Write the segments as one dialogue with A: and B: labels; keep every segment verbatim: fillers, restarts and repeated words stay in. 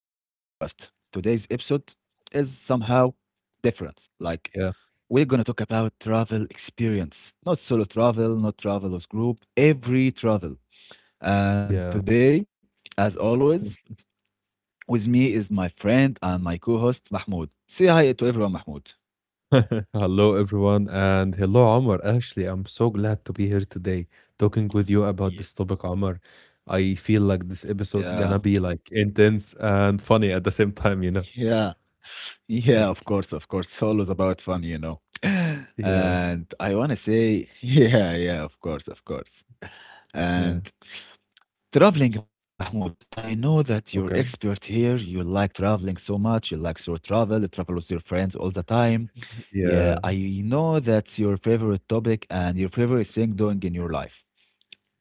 A: Today's episode is somehow different. Like,
B: Yeah,
A: we're gonna talk about travel experience, not solo travel, not travel with group, every travel.
B: yeah.
A: And today, as always, with me is my friend and my co host, Mahmoud. Say hi to everyone, Mahmoud.
B: Hello, everyone, and hello, Omar. Actually, I'm so glad to be here today talking with you about this
A: Yeah,
B: topic, Omar. I feel like this
A: yeah,
B: episode gonna be like intense and funny at the same time, you know?
A: yeah, yeah, of course, of course. Always about fun, you know.
B: Yeah,
A: And I want to say, yeah, yeah, of course, of course.
B: yeah.
A: And traveling, Mahmoud, I know that you're
B: Okay.
A: expert here. You like traveling so much. You like to travel, you travel with your friends all the time. Yeah,
B: Yeah.
A: I know that's your favorite topic and your favorite thing doing in your life,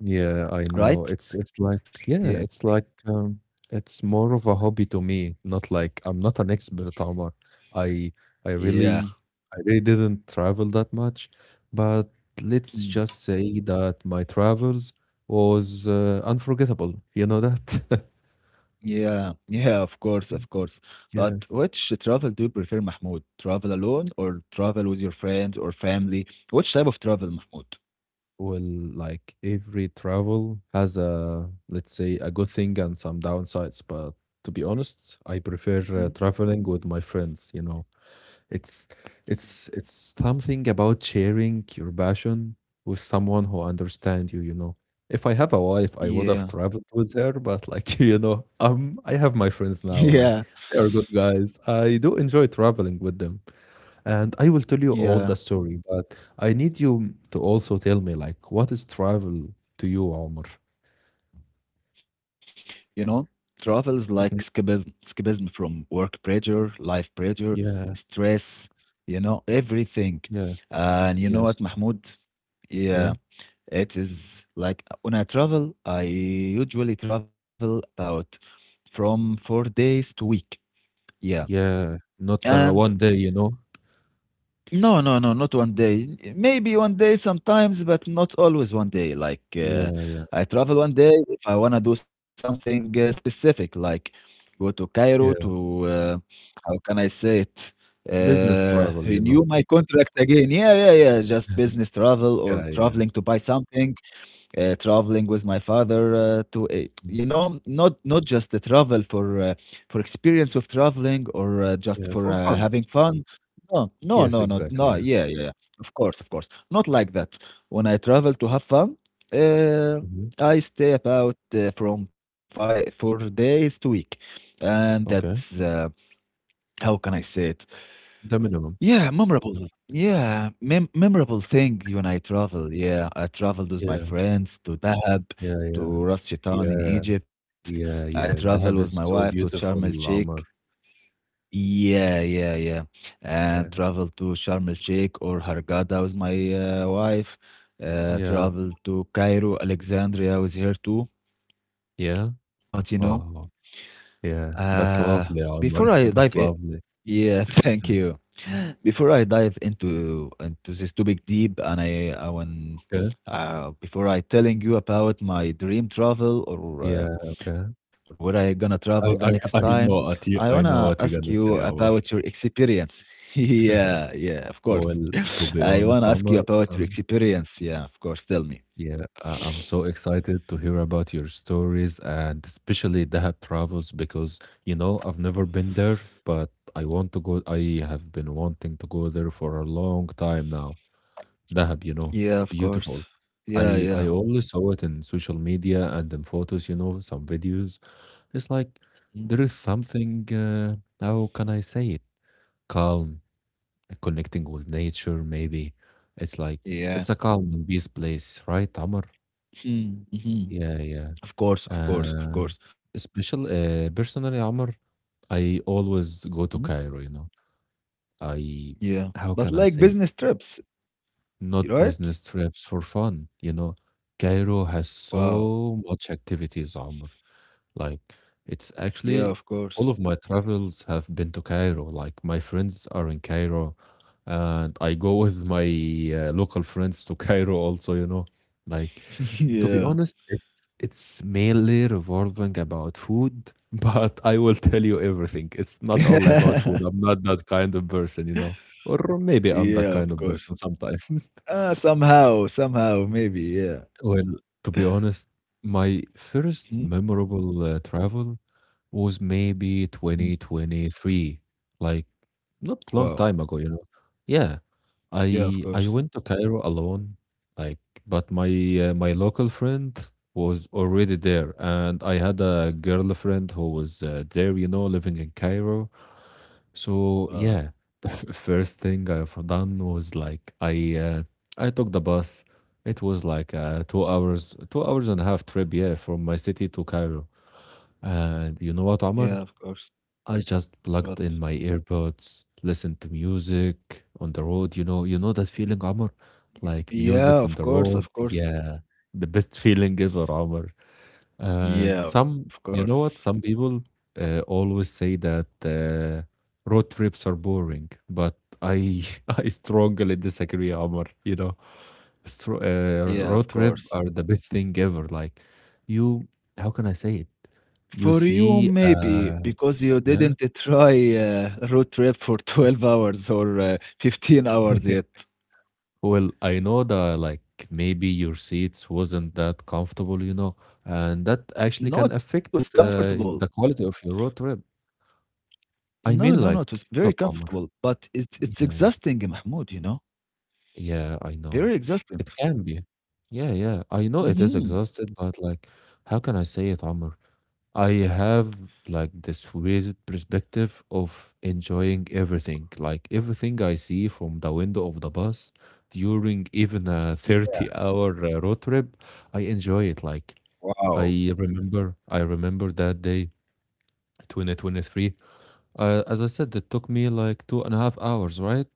B: Yeah, I know.
A: right?
B: It's it's like
A: Yeah.
B: yeah, it's like um it's more of a hobby to me, not like I'm not an expert, Omar. I I
A: Yeah.
B: really I really didn't travel that much, but let's
A: Mm.
B: just say that my travels was uh, unforgettable. You know that?
A: Yeah. Yeah, of course, of course. But
B: Yes.
A: which travel do you prefer, Mahmoud? Travel alone or travel with your friends or family? Which type of travel, Mahmoud?
B: Well, like every travel has a, let's say, a good thing and some downsides, but to be honest, I prefer
A: Mhm.
B: uh, traveling with my friends, you know. It's it's it's something about sharing your passion with someone who understands you, you know. If I have a wife, I would have
A: Yeah.
B: traveled with her, but like, you know, um, I have my friends now,
A: Yeah.
B: like they are good guys. I do enjoy traveling with them. And I will tell you all
A: Yeah.
B: the story, but I need you to also tell me like what is travel to you, Omar?
A: You know, travels like
B: Mhm.
A: escapism, escapism from work pressure, life pressure,
B: Yeah,
A: stress, you know, everything.
B: yeah,
A: And you know what,
B: yes,
A: Mahmoud?
B: yeah,
A: Yeah, it is like when I travel, I usually travel about from four days to week. Yeah.
B: yeah. Not uh,
A: And
B: one day, you know.
A: no, no, no, not one day. Maybe one day sometimes, but not always one day. Like
B: Yeah,
A: uh,
B: yeah,
A: I travel one day if I want to do something uh, specific, like go to Cairo
B: yeah.
A: to, uh, how can I say it,
B: Business
A: uh,
B: travel, you know?
A: renew my contract again. Yeah, yeah, yeah. Just business travel or
B: Yeah, yeah.
A: traveling to buy something. Uh, traveling with my father uh, to uh,
B: Mm.
A: you know not not just the travel for uh, for experience of traveling or uh, just
B: Yeah,
A: for
B: for
A: uh,
B: fun.
A: having fun. No, no,
B: Yes,
A: no, no,
B: exactly,
A: no,
B: yeah.
A: yeah, yeah, yeah. Of course, of course, not like that. When I travel to have fun, uh,
B: Mhm.
A: I stay about uh, from five four days to week, and that's
B: Okay.
A: uh, how can I say it,
B: The minimum.
A: yeah, memorable. Yeah, mem memorable thing when I travel. Yeah, I traveled with my
B: Yeah,
A: friends to Dahab,
B: yeah, yeah,
A: to Ras Shaitan in
B: yeah,
A: Egypt. I
B: yeah, yeah.
A: traveled with
B: The
A: my
B: Dahab is
A: wife to
B: so
A: Sharm
B: beautiful,
A: el-Sheikh.
B: Omar.
A: Yeah, yeah, yeah. And
B: Yeah,
A: traveled to Sharm el-Sheikh or Hurghada with my uh, wife. Uh,
B: yeah,
A: traveled to Cairo, Alexandria with her too.
B: yeah.
A: But you know,
B: Wow. Yeah,
A: uh,
B: that's lovely,
A: before I
B: Omar.
A: dive in,
B: That's lovely.
A: yeah, thank you. Before I dive into into this topic deep, and I, I want
B: Okay.
A: uh, before I telling you about my dream travel or uh,
B: Yeah, okay.
A: or where I gonna travel the
B: I,
A: next
B: I,
A: time,
B: I know
A: I
B: what you,
A: wanna
B: I know
A: ask
B: what you're
A: you
B: gonna say,
A: about
B: Omar.
A: your experience. Yeah, yeah, of course.
B: Well, to be
A: I
B: honest,
A: wanna ask you
B: Omar,
A: about your
B: um,
A: experience. Yeah, of course. Tell me.
B: yeah, I- I'm so excited to hear about your stories and especially Dahab travels because, you know, I've never been there, but I want to go. I have been wanting to go there for a long time now. Dahab, you know,
A: Yeah,
B: it's
A: of course.
B: beautiful.
A: Yeah,
B: I I
A: yeah.
B: only saw it in social media and in photos, you know, some videos. It's like
A: Mm.
B: there is something, uh, how can I say it? Calm, connecting with nature, maybe. It's like
A: Yeah.
B: it's a calm and peace place, right, Amr?
A: Mm-hmm. Mm-hmm.
B: Yeah, yeah.
A: Of course, of course, of
B: And
A: course.
B: special, uh, personally, Amr, I always go
A: Mm.
B: to Cairo, you know. I,
A: Yeah.
B: how
A: But
B: can I
A: like
B: say it?
A: business trips,
B: Not
A: right?
B: business trips for fun, you know. Cairo has
A: Wow.
B: so much activities, Amr. Like, it's
A: Yeah, of
B: actually
A: course.
B: all of my travels have been to Cairo. Like, my friends are in Cairo, and I go with my uh, local friends to Cairo also, you know. Like, to be
A: Yeah.
B: honest, it's it's mainly revolving about food, but I will tell you everything. It's not all about food. I'm not that kind of person, you know, or maybe I'm that
A: Yeah, of
B: kind of
A: course.
B: person sometimes.
A: Uh, somehow, somehow, maybe, yeah.
B: Well, to be honest, my first
A: Mhm.
B: memorable, uh, travel was maybe
A: Mm.
B: twenty twenty-three, like not long
A: Wow.
B: time ago, you know. Yeah,
A: Yeah, of
B: I I
A: course.
B: went to Cairo alone, like, but my uh, my local friend was already there, and I had a girlfriend who was uh, there, you know, living in Cairo. So
A: Uh,
B: yeah, the first thing I've done was like I uh, I took the bus. It was like uh, two hours, two hours and a half trip, yeah, from my city to Cairo. And you know what,
A: yeah, of
B: Omar?
A: course.
B: I just
A: But
B: plugged in my earbuds, listened to music on the road. You know, you know that feeling, Amr? Like
A: yeah,
B: music on
A: of
B: the
A: course,
B: road.
A: of course.
B: Yeah, the best feeling ever, Amr.
A: Yeah,
B: And
A: of
B: some, you
A: course.
B: know what? Some people uh, always say that uh, road trips are boring, but I I strongly disagree, Amr. You know, stro- uh,
A: Yeah,
B: road
A: of
B: trip
A: course.
B: are the best thing ever. Like, you, how can I say it? You
A: For you,
B: see,
A: maybe
B: uh,
A: because you
B: yeah.
A: didn't try uh, a road trip for twelve hours or uh, fifteen hours yet.
B: Well, I know that like maybe your seats wasn't that comfortable, you know, and that actually
A: No,
B: can
A: it was
B: affect
A: comfortable.
B: uh, the quality of your road trip.
A: No,
B: I
A: no,
B: mean,
A: no, it
B: like,
A: was very
B: look, Omar,
A: comfortable, but it's it's
B: yeah, yeah,
A: exhausting, Mahmoud, you know?
B: yeah, I know.
A: Very exhausting.
B: It can be. Yeah, yeah, I know it is
A: Mhm.
B: exhausted, but like, how can I say it, Omar? I have like this weird perspective of enjoying everything, like everything I see from the window of the bus during even a
A: Y
B: thirty hour uh, road trip. I enjoy it. Like
A: Wow.
B: I remember, I remember that day, twenty twenty-three. Uh, as I said, it took me like two and a half hours, right?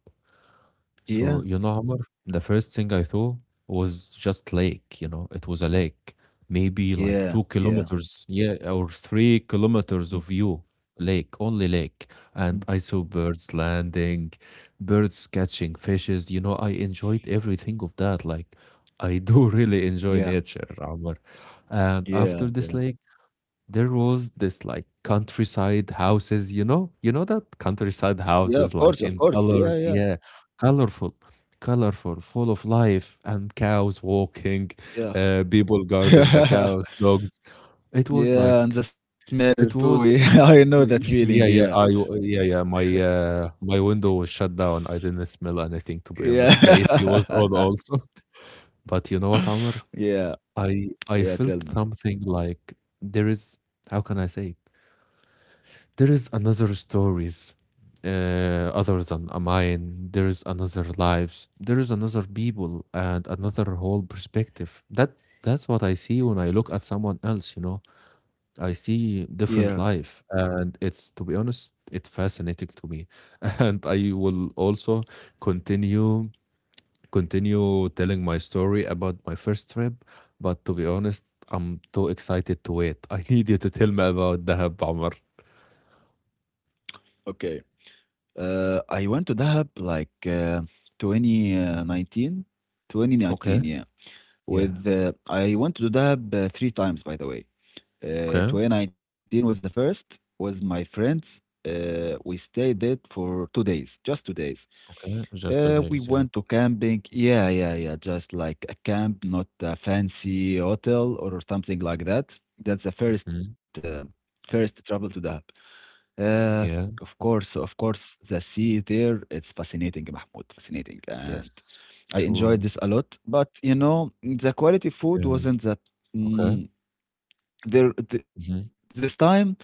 A: Yeah,
B: So, you know, Amr, the first thing I thought was just lake, you know, it was a lake, maybe like
A: yeah,
B: two
A: yeah.
B: kilometers, yeah, or three
A: Mm,
B: kilometers of view, lake, only lake.
A: mm.
B: And I saw birds landing, birds catching fishes. You know, I enjoyed everything of that. Like, I do really enjoy
A: Yeah,
B: nature, Amr. And
A: yeah,
B: after this
A: yeah.
B: lake, there was this like countryside houses, you know, you know that countryside
A: Yeah, of
B: houses
A: course, of
B: like in
A: course. Yeah,
B: colors,
A: yeah,
B: yeah, colorful, colorful, full of life, and cows walking,
A: yeah.
B: uh, people guarding the cows, dogs. It was
A: Yeah,
B: like
A: and the smell
B: it
A: too.
B: was,
A: Yeah, I know that
B: y- yeah,
A: feeling.
B: yeah,
A: Yeah.
B: I, w- yeah, yeah. My uh, my window was shut down. I didn't smell anything, to be honest. The A C was on
A: Yeah.
B: also, but you know what, Amr?
A: Yeah.
B: I I
A: Yeah, tell
B: felt
A: me.
B: something like there is. How can I say it? There is another stories uh, other than a mine. There is another lives, there is another people and another whole perspective. That that's what I see when I look at someone else, you know. I see
A: Yeah.
B: different life, and it's, to be honest, it's fascinating to me. And I will also continue continue telling my story about my first trip, but to be honest, I'm too excited to wait. I need you to tell me about Dahab, Omar.
A: Okay. Uh, I went to Dahab like uh,
B: Mhm.
A: twenty nineteen. twenty nineteen,
B: Okay,
A: yeah.
B: yeah.
A: with uh, I went to Dahab uh, three times, by the way. Uh,
B: Okay,
A: twenty nineteen was the first, was my friends. Uh, we stayed there for two days, just two days.
B: okay, just two
A: Uh, we
B: days, yeah.
A: went to camping. Yeah, yeah, yeah. Just like a camp, not a fancy hotel or something like that. That's the first,
B: Mhm.
A: uh, first travel to Dahab. Uh,
B: Yeah,
A: of course, of course, the sea there, it's fascinating, Mahmoud, fascinating. And
B: yes,
A: I enjoyed
B: sure,
A: this a lot, but you know, the quality food
B: yeah,
A: wasn't that.
B: okay,
A: Mm, there, th
B: mhm,
A: This time,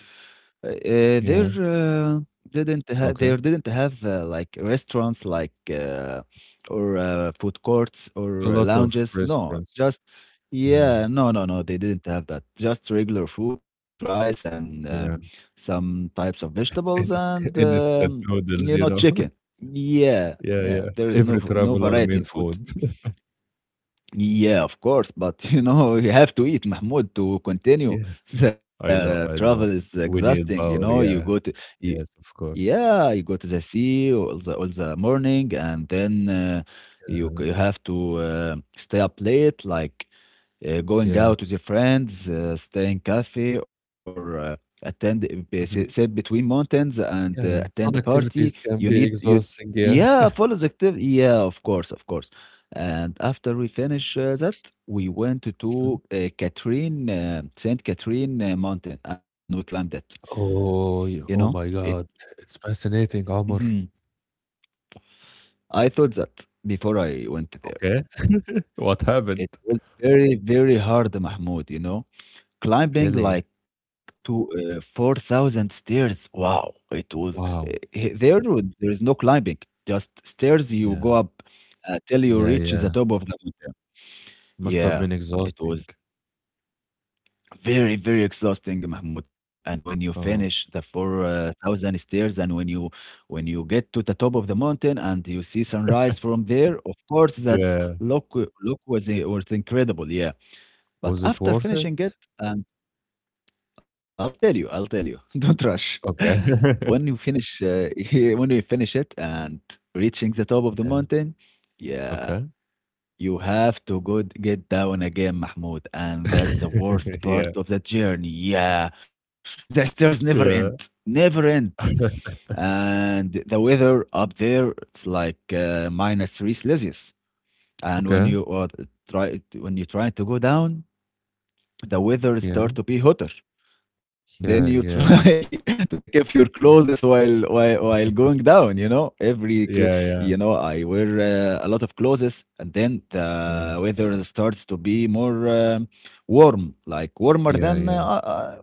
A: uh, uh,
B: yeah,
A: there uh, didn't ha
B: okay.
A: there didn't have uh, like restaurants like uh, or uh, food courts
B: A
A: or uh,
B: lot of
A: lounges. No,
B: restaurants.
A: just
B: Yeah,
A: yeah, no, no, no, they didn't have that. Just regular food, rice and uh,
B: yeah.
A: some types of vegetables
B: In
A: and
B: instant
A: um, you
B: noodles,
A: know,
B: you know?
A: chicken. Yeah,
B: Yeah,
A: yeah,
B: yeah.
A: there is no
B: Every
A: v- no
B: traveler
A: variety
B: main
A: in food.
B: food.
A: Yeah, of course, but you know, you have to eat, Mahmoud, to continue.
B: Yes,
A: The
B: I know,
A: travel
B: I
A: is
B: know. We
A: exhausting, you
B: need
A: know. You
B: power,
A: go to,
B: yeah.
A: you,
B: Yes, of course.
A: yeah, you go to the sea all the all the morning, and then uh, you
B: Yeah,
A: c- you have to uh, stay up late, like uh, going
B: yeah,
A: out with your friends, uh, staying cafe, or uh, attend be- sit sit
B: mhm,
A: between mountains and uh,
B: yeah.
A: attend a
B: Fun
A: party.
B: activities
A: You
B: can
A: need
B: be
A: you,
B: exhausting, yeah.
A: yeah, follow the activity. Yeah, of course, of course. And after we finish uh, that, we went to
B: Mhm.
A: to, uh, Catherine, uh, Saint Catherine uh, Mountain, and we climbed it. You
B: Oh, y
A: know,
B: oh my
A: it.
B: god, it's fascinating, Omar.
A: Mhm. I thought that before I went there.
B: Okay. What happened?
A: It was very, very hard, Mahmoud, you know. Climbing
B: Really?
A: like to uh, four thousand stairs. Wow, it was uh,
B: Wow.
A: he- there. would- there is no climbing, just stairs. You
B: Yeah.
A: go up uh, till you
B: Yeah,
A: reach the
B: yeah.
A: top of the mountain.
B: Must have
A: Yeah,
B: been
A: it
B: exhausting.
A: was very, very exhausting, Mahmoud. And when you finish
B: Oh.
A: the four thousand stairs, and when you when you get to the top of the mountain and you see sunrise from there, of course, that's
B: Yeah.
A: look look was eh, was incredible. Yeah, but
B: Was it
A: after
B: worth
A: finishing it
B: it?
A: and I'll tell you, I'll tell you. Don't rush.
B: Okay.
A: When you finish, uh, when you finish it and reaching the top of the
B: Yeah.
A: mountain, yeah,
B: Okay.
A: you have to go d- get down again, Mahmoud. And that's the worst part
B: Yeah.
A: of the journey. Yeah, the stairs never end,
B: Yeah.
A: never end. And the weather up there, it's like uh, minus three Celsius. And when
B: Okay.
A: you uh, try, when you try to go down, the weather start
B: Yeah.
A: to be hotter, then you
B: Yeah, yeah.
A: try to take off your clothes
B: Y
A: while while while going down, you know? Every cl
B: Yeah,
A: You know,
B: yeah.
A: I wear, uh, a lot of clothes, and then
B: Yeah.
A: the weather starts to be more, um, warm, like warmer
B: Yeah,
A: than, uh,
B: yeah.
A: uh,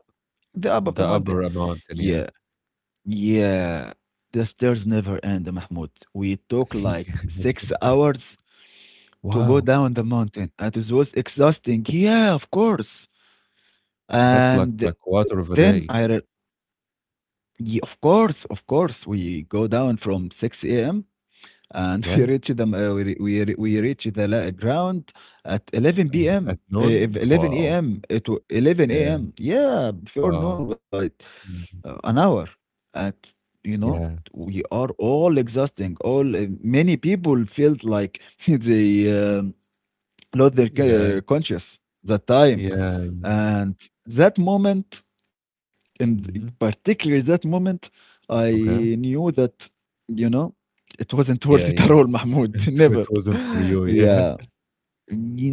A: the up of
B: The
A: the mountain.
B: upper amount and yeah.
A: Yeah, yeah. The stairs never end, Mahmoud. We took like six hours to go
B: Wow.
A: down the mountain, and it was exhausting. Yeah, of course.
B: That's like
A: And
B: a quarter
A: then
B: of a
A: I re
B: day.
A: Ye of course, of course. We go down from six a m and we
B: Yeah?
A: reach the m uh, we re we re we reach the la ground at
B: At
A: 11 PM,
B: at
A: uh, ev
B: noon?
A: 11
B: Wow.
A: AM, it wa 11
B: Yeah.
A: AM. Yeah, before
B: Wow.
A: noon, but
B: Yeah.
A: uh, an hour. At you know,
B: Yeah.
A: we are all exhausting, all uh, many people felt like they, um lost their
B: Yeah.
A: ca- conscious that time
B: Yeah.
A: and that moment and
B: Mhm.
A: particularly that moment I
B: Okay.
A: knew that, you know, it wasn't worth
B: Yeah,
A: it at
B: yeah.
A: all, Mahmoud.
B: It it
A: Never.
B: wasn't for you, yeah.
A: Yeah,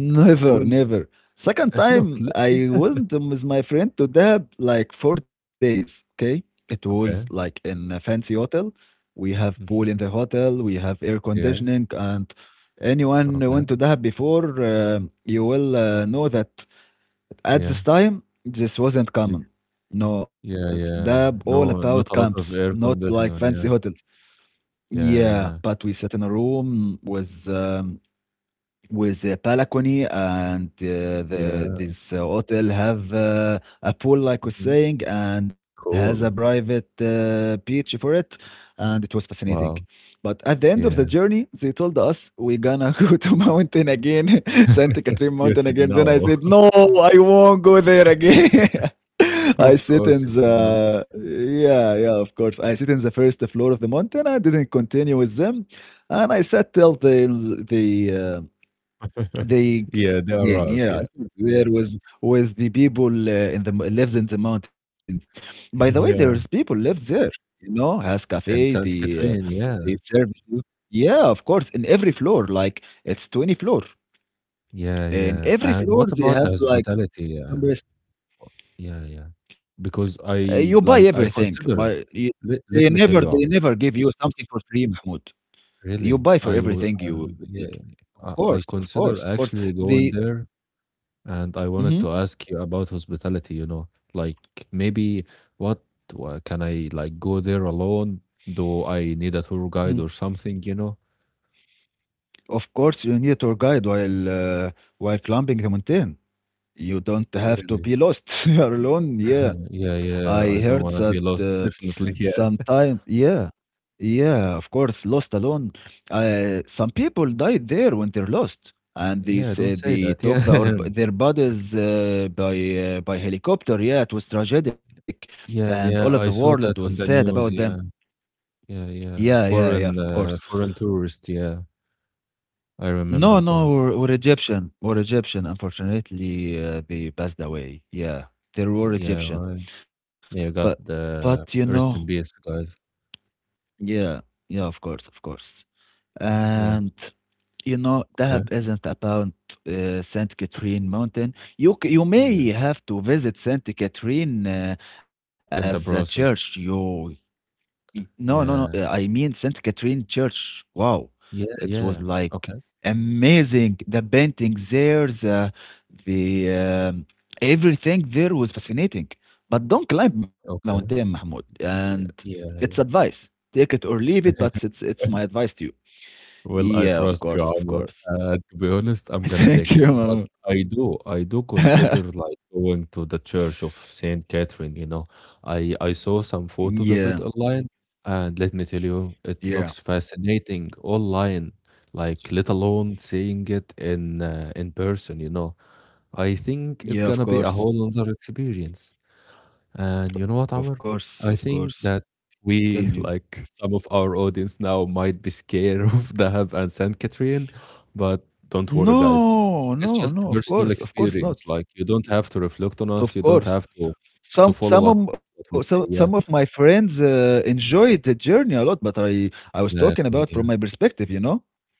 A: never,
B: Well,
A: never. Second
B: uh, look,
A: time,
B: le le
A: I wasn't with my friend to Dahab like four days. Okay, it was like
B: okay.
A: in a fancy hotel. We have pool in the
B: Mhm.
A: hotel. We have air
B: Yeah,
A: conditioning. And anyone who
B: okay.
A: went to Dahab before, uh, you will uh, know that at this
B: Yeah.
A: time this wasn't
B: Ye
A: common. No, it's
B: yeah,
A: Dahab
B: yeah.
A: all about
B: No, not a
A: camps,
B: lot of
A: not
B: air
A: like fancy
B: conditioner, yeah.
A: hotels.
B: Yeah,
A: Yeah,
B: yeah.
A: but we sat in a room with um, with a balcony and uh, the
B: Yeah.
A: this uh, hotel have uh, a pool like was
B: Mhm.
A: saying and has a
B: Cool.
A: private uh, beach for it, and it was fascinating.
B: Wow.
A: But at the end of the
B: Yeah.
A: journey they told us we're gonna go to mountain again, Santa Catherine
B: You
A: mountain
B: said
A: again. Then I
B: no.
A: said no, I won't go there again. I
B: Of
A: sit
B: course
A: in
B: you said no.
A: the yeah, yeah, of course, I sit in the first floor of the mountain. I didn't continue with them, and I sat till the the uh, they c
B: Yeah, they
A: come again,
B: arrived,
A: yeah. I
B: yeah.
A: There was with the people uh, in the m lives in the mountains. By the way, there is
B: Yeah.
A: people lives there, you know, has cafe,
B: And
A: the
B: Saint
A: uh,
B: Catherine, yeah.
A: they serve you. Yeah, of course, in every floor, like it's twenty floor.
B: Yeah,
A: In
B: yeah.
A: every
B: And
A: floor,
B: what
A: they
B: about the
A: have like
B: hospitality? Yeah.
A: some rest
B: Yeah, yeah. Because
A: uh,
B: I
A: you buy
B: like, I
A: everything,
B: consider
A: but you
B: let let
A: they
B: me tell you,
A: never they
B: Omar,
A: never give you something for free, Mahmoud.
B: really,
A: You buy
B: I
A: for
B: will,
A: everything you
B: um,
A: you
B: yeah,
A: take.
B: I,
A: Of
B: I
A: course, of
B: consider
A: course, of course.
B: actually going
A: The
B: there, and I wanted
A: Mhm.
B: to ask you about hospitality, you know, like maybe what, wha- can I like go there alone? Do I need a tour guide or something, you know?
A: Of course, you need a tour guide while uh, while climbing the mountain. You don't have to
B: Really?
A: be lost. You are alone. Yeah,
B: Yeah,
A: I
B: yeah,
A: heard
B: I
A: that
B: don't want to be
A: uh,
B: lost, definitely. Yeah.
A: sometimes. Yeah, yeah. Of course, lost alone. Uh, some people died there when they're lost, and they
B: Yeah, don't
A: say
B: say
A: they
B: that. Yeah.
A: took their their bodies uh, by uh, by helicopter. Yeah, it was tragic, and
B: Yeah,
A: all of the
B: yeah, I
A: world
B: saw
A: was
B: that
A: sad
B: on the
A: about them.
B: news. Yeah, yeah, yeah.
A: Yeah, yeah, yeah.
B: Foreign,
A: Of
B: uh,
A: course.
B: foreign tourist. Yeah, I
A: No,
B: remember
A: no,
B: that.
A: we're, we're Egyptian. We're Egyptian. Unfortunately, uh, they passed away. Yeah, they were
B: Well, yeah,
A: Egyptian.
B: right.
A: But,
B: Yeah, got
A: but you
B: the
A: know,
B: rest in peace, guys.
A: yeah, yeah, of course, of course.
B: Yeah.
A: And you know,
B: Okay.
A: Dahab isn't about uh, Saint Catherine Mountain. You c- you may
B: Yes.
A: have to visit Saint Catherine uh, as a
B: In the
A: church.
B: process.
A: You Y- No, no, no. uh,
B: Yeah.
A: I mean Saint Catherine Church. Wow,
B: Yeah.
A: it was
B: Yeah.
A: like
B: Okay.
A: amazing. The paintings there, the the um, everything there was fascinating. But don't climb mountain,
B: Okay.
A: Mahmoud. And
B: Yeah.
A: it's
B: Yeah. Yeah.
A: advice. Take it or leave it, but it's it's my advice to you.
B: Well,
A: Yeah,
B: I
A: of
B: trust
A: course,
B: you,
A: of
B: Amr.
A: course.
B: Uh, to be honest, I'm gonna
A: Thank
B: take
A: you,
B: it. But
A: Mahmoud.
B: I do, I do consider like going to the Church of Saint Catherine. You know, I I saw some
A: Yeah,
B: photos of it online, and let me tell you, it
A: yeah,
B: looks fascinating online. Like, let alone seeing it in uh, in person. You know I think it's
A: yeah. Of
B: gonna be a
A: course,
B: whole other experience. And you know
A: of
B: what, Amr?
A: course, of
B: I
A: course.
B: think that
A: Tell me.
B: we, like some of our audience now, might be scared of Dahab and Saint Catherine, but don't worry, guys.
A: No,
B: It's
A: no,
B: just a
A: no, of
B: personal
A: course, of course not.
B: experience. Like you don't have to reflect on us.
A: Of
B: You don't
A: course.
B: have to to
A: Some
B: follow what
A: some of m uh,
B: what we
A: so
B: say.
A: some of
B: Yeah,
A: my friends, uh, enjoyed the journey a lot, but I I was talking about
B: exactly.
A: from my perspective, you know?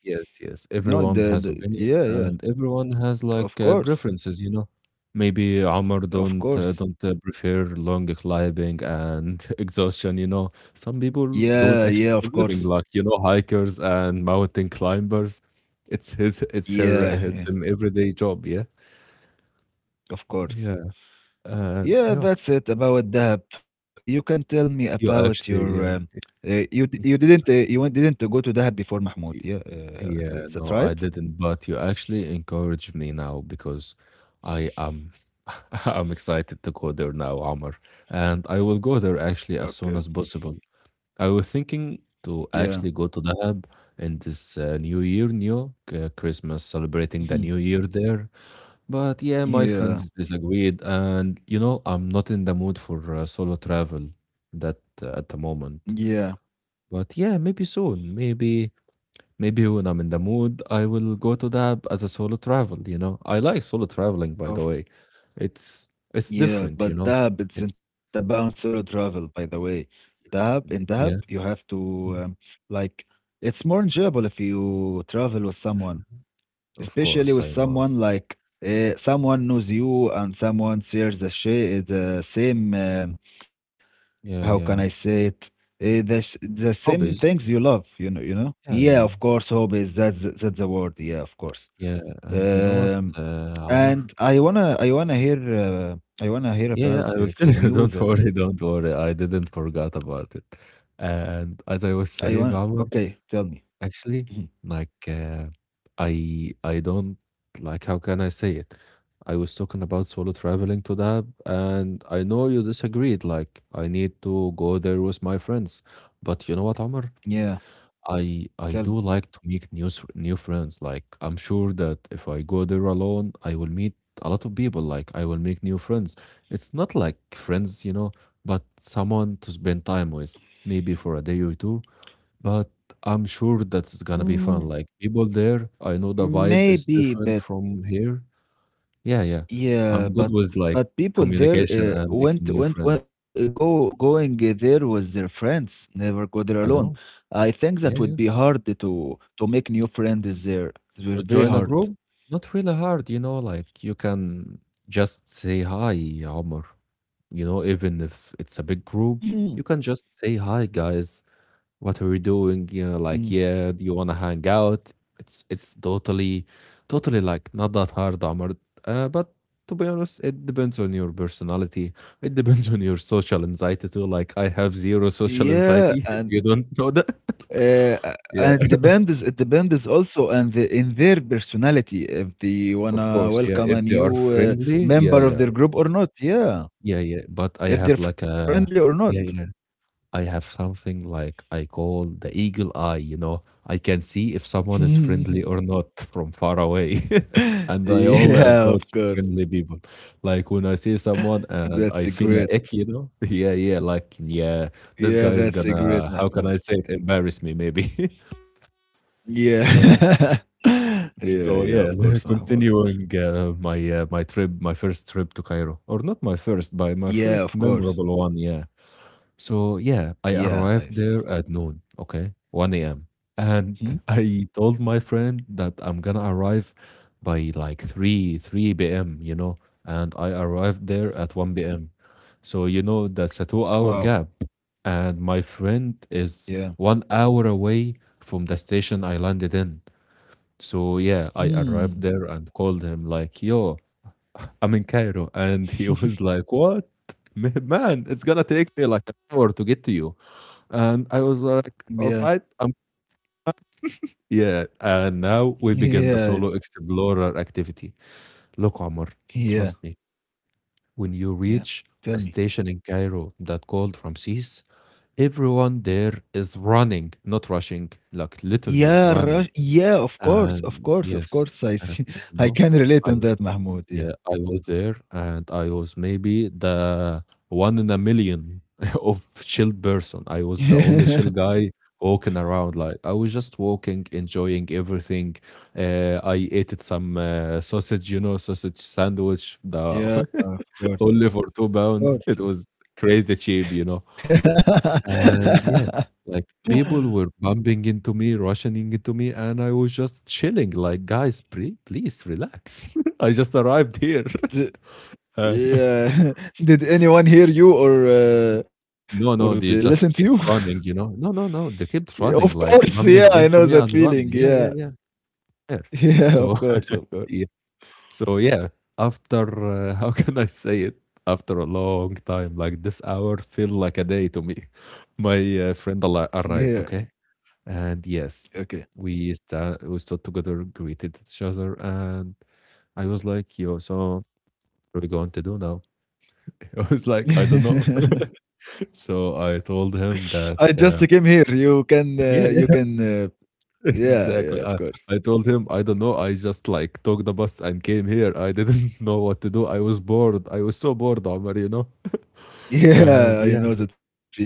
B: Yes, yes.
A: You know,
B: Everyone
A: the
B: has
A: the
B: opinion
A: yeah, yeah.
B: and everyone has
A: Of
B: like uh,
A: course.
B: preferences, you know. Maybe Omar
A: Of
B: don't uh,
A: course.
B: don't uh, prefer long climbing and exhaustion, you know. Some people
A: Yeah,
B: do it
A: yeah, of
B: actually for
A: course.
B: living, like you know, hikers and mountain climbers. It's his, it's her,
A: Yeah,
B: uh,
A: yeah.
B: them everyday job, yeah,
A: Of course.
B: yeah, uh,
A: Yeah,
B: yeah.
A: that's it about Dahab. You can tell me
B: You
A: about your, um,
B: actually,
A: uh, you di you
B: yeah.
A: didn't, uh, you went didn't go to Dahab before, Mahmoud. Yeah, uh,
B: Yeah,
A: is that
B: no, I
A: right?
B: didn't, but you actually encouraged me now because I am I'm excited to go there now, Amr. And I will go there actually
A: Okay.
B: as soon as possible. I was thinking to
A: Yeah.
B: actually go to Dahab in this uh, New Year, new uh, Christmas, celebrating the
A: Mhm.
B: New Year there. But yeah, my
A: Yeah.
B: friends disagreed, and you know, I'm not in the mood for uh, solo travel that uh, at the moment.
A: Yeah.
B: But yeah, maybe soon, maybe Maybe when I'm in the mood, I will go to the app as a solo travel, you know? I like solo traveling, by the
A: Of
B: way. It's it's
A: Yeah,
B: different, you
A: but
B: know?
A: Dahab, it's
B: It's
A: not about solo travel, by the way. Dahab, in Dahab,
B: yeah,
A: you have to,
B: yeah,
A: um, like, it's more enjoyable if you travel with
B: if
A: someone,
B: you- Of
A: especially
B: course,
A: with
B: I know.
A: someone like uh, someone knows you and someone shares the sha- the same, um, how
B: Yeah,
A: can I
B: yeah.
A: say it? Uh, the sh- the same
B: Hobbies.
A: things you love, you know, you know?
B: Yeah,
A: Yeah,
B: yeah,
A: of course, hobbies, that's that's the word. Yeah, of course.
B: yeah. And you know what,
A: Um,
B: uh, Amr?
A: and I wanna I wanna hear uh, I wanna hear
B: Yeah, yeah,
A: about
B: I will
A: uh,
B: tell
A: from
B: you.
A: you
B: Don't
A: that
B: worry, don't worry. I didn't forget about it. And as I was
A: I want.
B: saying, Amr,
A: Okay, tell me.
B: actually,
A: Mhm.
B: like, uh, I I don't, like how can I say it? I was talking about solo traveling to that, and I know you disagreed. Like, I need to go there with my friends, but you know what, Omar?
A: Yeah,
B: I I
A: tell
B: do
A: me.
B: like to make new s- new friends. Like, I'm sure that if I go there alone, I will meet a lot of people. Like, I will make new friends. It's not like friends, you know, but someone to spend time with, maybe for a day or two, but I'm sure that's gonna be fun.
A: Mm,
B: Like people there, I know the vibe is
A: maybe,
B: different
A: but
B: from here. Yeah, yeah.
A: yeah,
B: I'm good
A: but
B: with like
A: but people there
B: communication
A: uh,
B: and making
A: went
B: new
A: went
B: friends.
A: went- go going uh, there with their friends. Never go there
B: I
A: alone.
B: know.
A: I think that
B: Yeah,
A: would be
B: yeah.
A: hard to to make new friends there. It's
B: To
A: very very
B: join a
A: hard.
B: group, not really hard, you know, like you can just say hi, Omar. You know, even if it's a big group,
A: Mhm.
B: you can just say hi, guys. What are we doing? You
A: Mm.
B: know, like, yeah, do you wanna hang out? It's it's totally, totally like not that hard, Amr. Uh, but to be honest, it depends on your personality. It depends on your social anxiety too. Like, I have zero social
A: Yeah,
B: anxiety. If
A: and
B: you don't know that,
A: Uh, uh,
B: yeah,
A: and depends it depends also and the, in their personality if they
B: of
A: wanna
B: course, yeah.
A: welcome
B: If
A: a
B: they are
A: new uh,
B: friendly, yeah,
A: member of
B: yeah,
A: their group or not. Yeah,
B: yeah, yeah. But I
A: if
B: have
A: they're
B: like
A: friendly or
B: a
A: not.
B: yeah, yeah. I have something like I call the eagle eye, you know. I can see if someone is friendly or not from far away. And I only
A: Yeah,
B: approach
A: of course.
B: friendly people. Like when I see someone and
A: That's
B: I
A: a
B: feel
A: great.
B: a ick, you know? Yeah, yeah, like, yeah,
A: Yeah,
B: this guy
A: that's a
B: is
A: great
B: gonna, how
A: Mahmoud.
B: can I say it, embarrass me maybe. Yeah.
A: Yeah. Yeah,
B: So
A: yeah,
B: yeah,
A: of course, Mahmoud.
B: continuing uh, my uh, my trip, my first trip to Cairo, or not my first, but my
A: Yeah,
B: first
A: of course.
B: memorable one. Yeah, so yeah, I
A: Yeah, I see.
B: arrived there at noon, okay, one a m. And
A: Hmm?
B: I told my friend that I'm gonna arrive by like three three p m, you know, and I arrived there at one p m. So, you know, that's a two
A: Wow.
B: hour gap. And my friend
A: Yeah.
B: is one hour away from the station I landed in. So yeah, I
A: Hmm.
B: arrived there and called him like, yo, I'm in Cairo. And he was like, what? Man, it's gonna take me like an hour to get to you. And I was like,
A: Yeah.
B: all right, um, yeah. And now we begin the
A: Yeah.
B: solo explorer activity. Look, Omar,
A: Yeah.
B: trust me, when you
A: Yeah.
B: reach a
A: Tell me.
B: station in Cairo that called Ramses, everyone there is running, not rushing, like literally
A: Yeah,
B: running.
A: Rush yeah, of course, of
B: And
A: course, of
B: yes,
A: course. I
B: and
A: see.
B: you
A: I
B: know,
A: can relate
B: I,
A: on that, Mahmoud.
B: yeah,
A: Yeah.
B: I was there, and I was maybe the one in a million of chill person. I was the only chill guy walking around. Like I was just walking, enjoying everything. Uh, I ate some uh, sausage, you know, sausage sandwich, the
A: Yeah, of
B: only
A: course,
B: for two
A: of
B: pounds. It
A: course.
B: was crazy cheap, you know. And yeah, like people were bumping into me, rushing into me, and I was just chilling. Like, guys, pre- please relax. I just arrived here.
A: D
B: Uh,
A: yeah. Did anyone hear you or uh, or
B: no,
A: they
B: no, they
A: listen to you?
B: just kept running, you know? No, no, no, they
A: Yeah,
B: kept
A: of
B: running,
A: course,
B: like
A: yeah, I
B: bumping
A: know
B: into
A: that
B: me and
A: feeling.
B: run. Yeah,
A: Yeah.
B: yeah, yeah, fair.
A: Yeah, of
B: So,
A: course, of course.
B: yeah, so yeah, after, uh, how can I say it? After a long time, like this hour feel like a day to me. My uh, friend al-
A: Yeah.
B: arrived, okay? And yes,
A: Okay.
B: we, sta we stood together, greeted each other, and I was like, yo, so what are we going to do now? I was like, I don't know. So I told him that,
A: I just
B: uh,
A: came here. You can,
B: yeah,
A: uh, you can, uh, yeah,
B: exactly. I,
A: yeah, of
B: I
A: course.
B: told him, I don't know. I just like took the bus and came here. I didn't know what to do. I was bored. I was so bored, Omar, you know? And
A: Yeah, I
B: yeah.
A: know that feeling.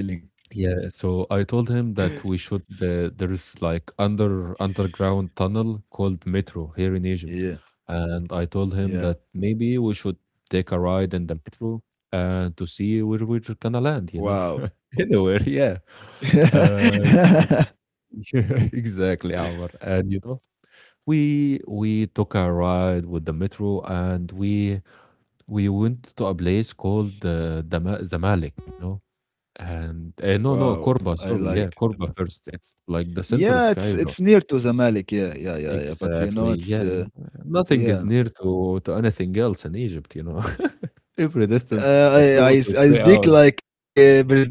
B: Yeah. So I told him that we should, uh, there's like under underground tunnel called Metro here in Egypt.
A: Yeah,
B: And I told him
A: yeah.
B: that maybe we should take a ride in the metro and to see where we're gonna land, you know?
A: Wow.
B: Anywhere, yeah. And yeah, exactly, Omar. And you know, we we took a ride with the metro and we we went to a place called uh, Dama- Zamalek, you know, and uh, no,
A: Wow,
B: no,
A: I
B: Korba, sorry,
A: like
B: yeah,
A: it, man.
B: Korba first. It's like the center
A: Yeah,
B: of
A: it's it's
B: Cairo.
A: near to Zamalek. Yeah, yeah, yeah, yeah. But you
B: Exactly,
A: know, it's
B: yeah, yeah.
A: uh,
B: Nothing is
A: yeah.
B: near to to anything else in Egypt, you know. Every distance is
A: Uh,
B: like
A: I,
B: two
A: I s-
B: to
A: I
B: three
A: speak
B: hours.
A: like uh, respect uh,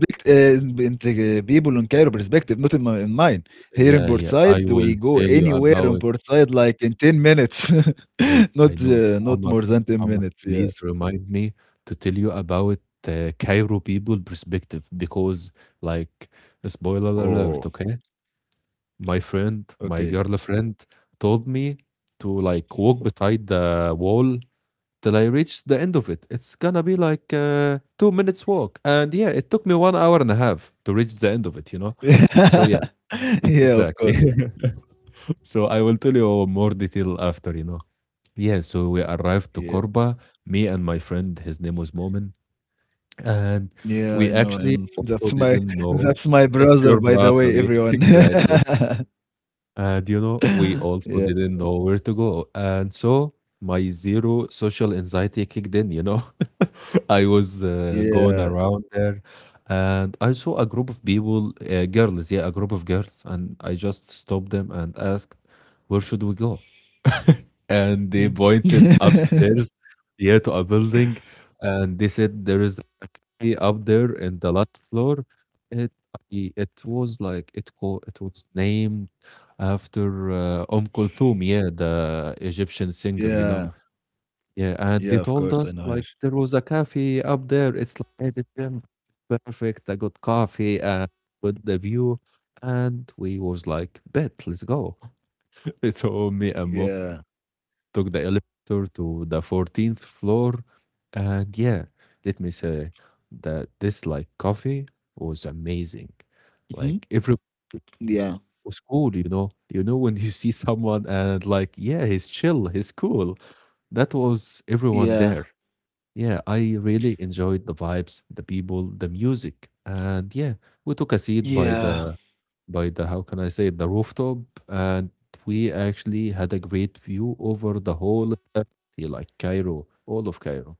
A: in the uh, people in Cairo perspective, not in my in mine. Here in
B: Yeah, yeah.
A: Portside,
B: I
A: we
B: will
A: go
B: tell you
A: anywhere in
B: about,
A: Portside like in ten minutes,
B: yes, I
A: not
B: know.
A: uh, not
B: Omar,
A: more than ten
B: Omar,
A: minutes. Yeah.
B: please remind me to tell you about uh, Cairo people perspective because, like, spoiler
A: Oh,
B: alert, okay? My friend, my
A: okay.
B: girlfriend told me to like walk beside the wall till I reach the end of it. It's gonna be like uh, two minutes walk, and yeah, it took me one hour and a half to reach the end of it, you know? So yeah,
A: Yeah, of course.
B: exactly. So I will tell you more detail after, you know. Yeah, so we arrived to
A: Yeah.
B: Korba, me and my friend, his name was Momin, and
A: Yeah,
B: we
A: I know
B: actually
A: him.
B: also
A: That's my
B: didn't know
A: that's my
B: it's your
A: brother, by the
B: brother,
A: way,
B: yeah,
A: everyone.
B: exactly. And you know, we also
A: Yeah,
B: didn't know where to go. And so my zero social anxiety kicked in, you know. I was uh, going
A: yeah.
B: around there and I saw a group of people, uh, girls, yeah, a group of girls, and I just stopped them and asked, where should we go? And they
A: Mm.
B: pointed upstairs, yeah, to a building, and they said there is a cafe up there in the last floor. It i- it was like it co it was named after uh, Umm Kulthum, yeah, the Egyptian singer, you know.
A: Yeah,
B: Yeah, and
A: yeah,
B: they
A: of
B: told
A: course, I
B: us
A: know her.
B: like there was a cafe up there. It's like at the gym, perfect. I got coffee and with the view, and we was like, bet, let's go. So me and Mom
A: Yeah.
B: took the elevator to the fourteenth floor. And yeah, let me say that this like coffee was amazing.
A: Mhm.
B: Like everyone
A: Yeah,
B: was, was cool, you know. You know when you see someone and like, yeah, he's chill, he's cool. That was everyone
A: yeah,
B: there. Yeah, I really enjoyed the vibes, the people, the music. And yeah, we took a seat by
A: yeah,
B: the, by the how can I say it, the rooftop, and we actually had a great view over the whole of the city, like Cairo, all of Cairo.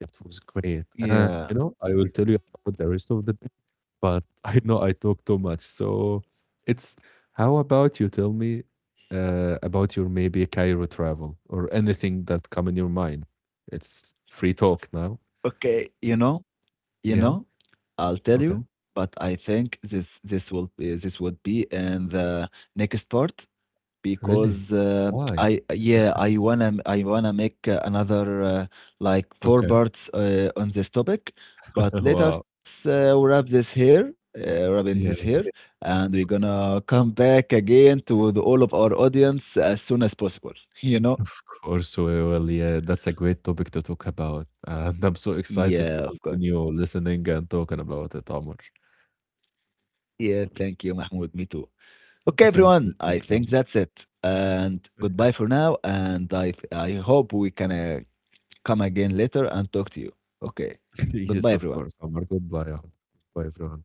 B: It was great,
A: yeah.
B: and you know I will tell you about the rest of the day, but I know I talk too much, so it's, how about you tell me uh, about your maybe Cairo travel or anything that come in your mind? It's free talk now.
A: Okay, you know, you know,
B: Yeah.
A: I'll tell you,
B: Okay.
A: but I think this this will be this would be in the next part.
B: Really?
A: Because uh,
B: Why?
A: I yeah I wanna I wanna make uh, another uh, like
B: Okay.
A: four parts uh, on this topic. But
B: Wow.
A: let us uh, wrap this here, uh, wrap in
B: Yeah.
A: this here, and we're gonna come back again to the, all of our audience as soon as possible. You know?
B: Also, well, yeah, that's a great topic to talk about, and I'm so excited to
A: Yeah, of course.
B: continue listening and talking about it, Omar.
A: Yeah, thank you, Mahmoud. Me too. Okay,
B: Thank
A: everyone.
B: you,
A: I
B: thank
A: think
B: you.
A: that's it. And goodbye for now. And I th- I hope we can uh, come again later and talk to you. Okay.
B: Yes,
A: Goodbye,
B: of
A: everyone.
B: course, Omar. Goodbye, Omar. Goodbye, everyone.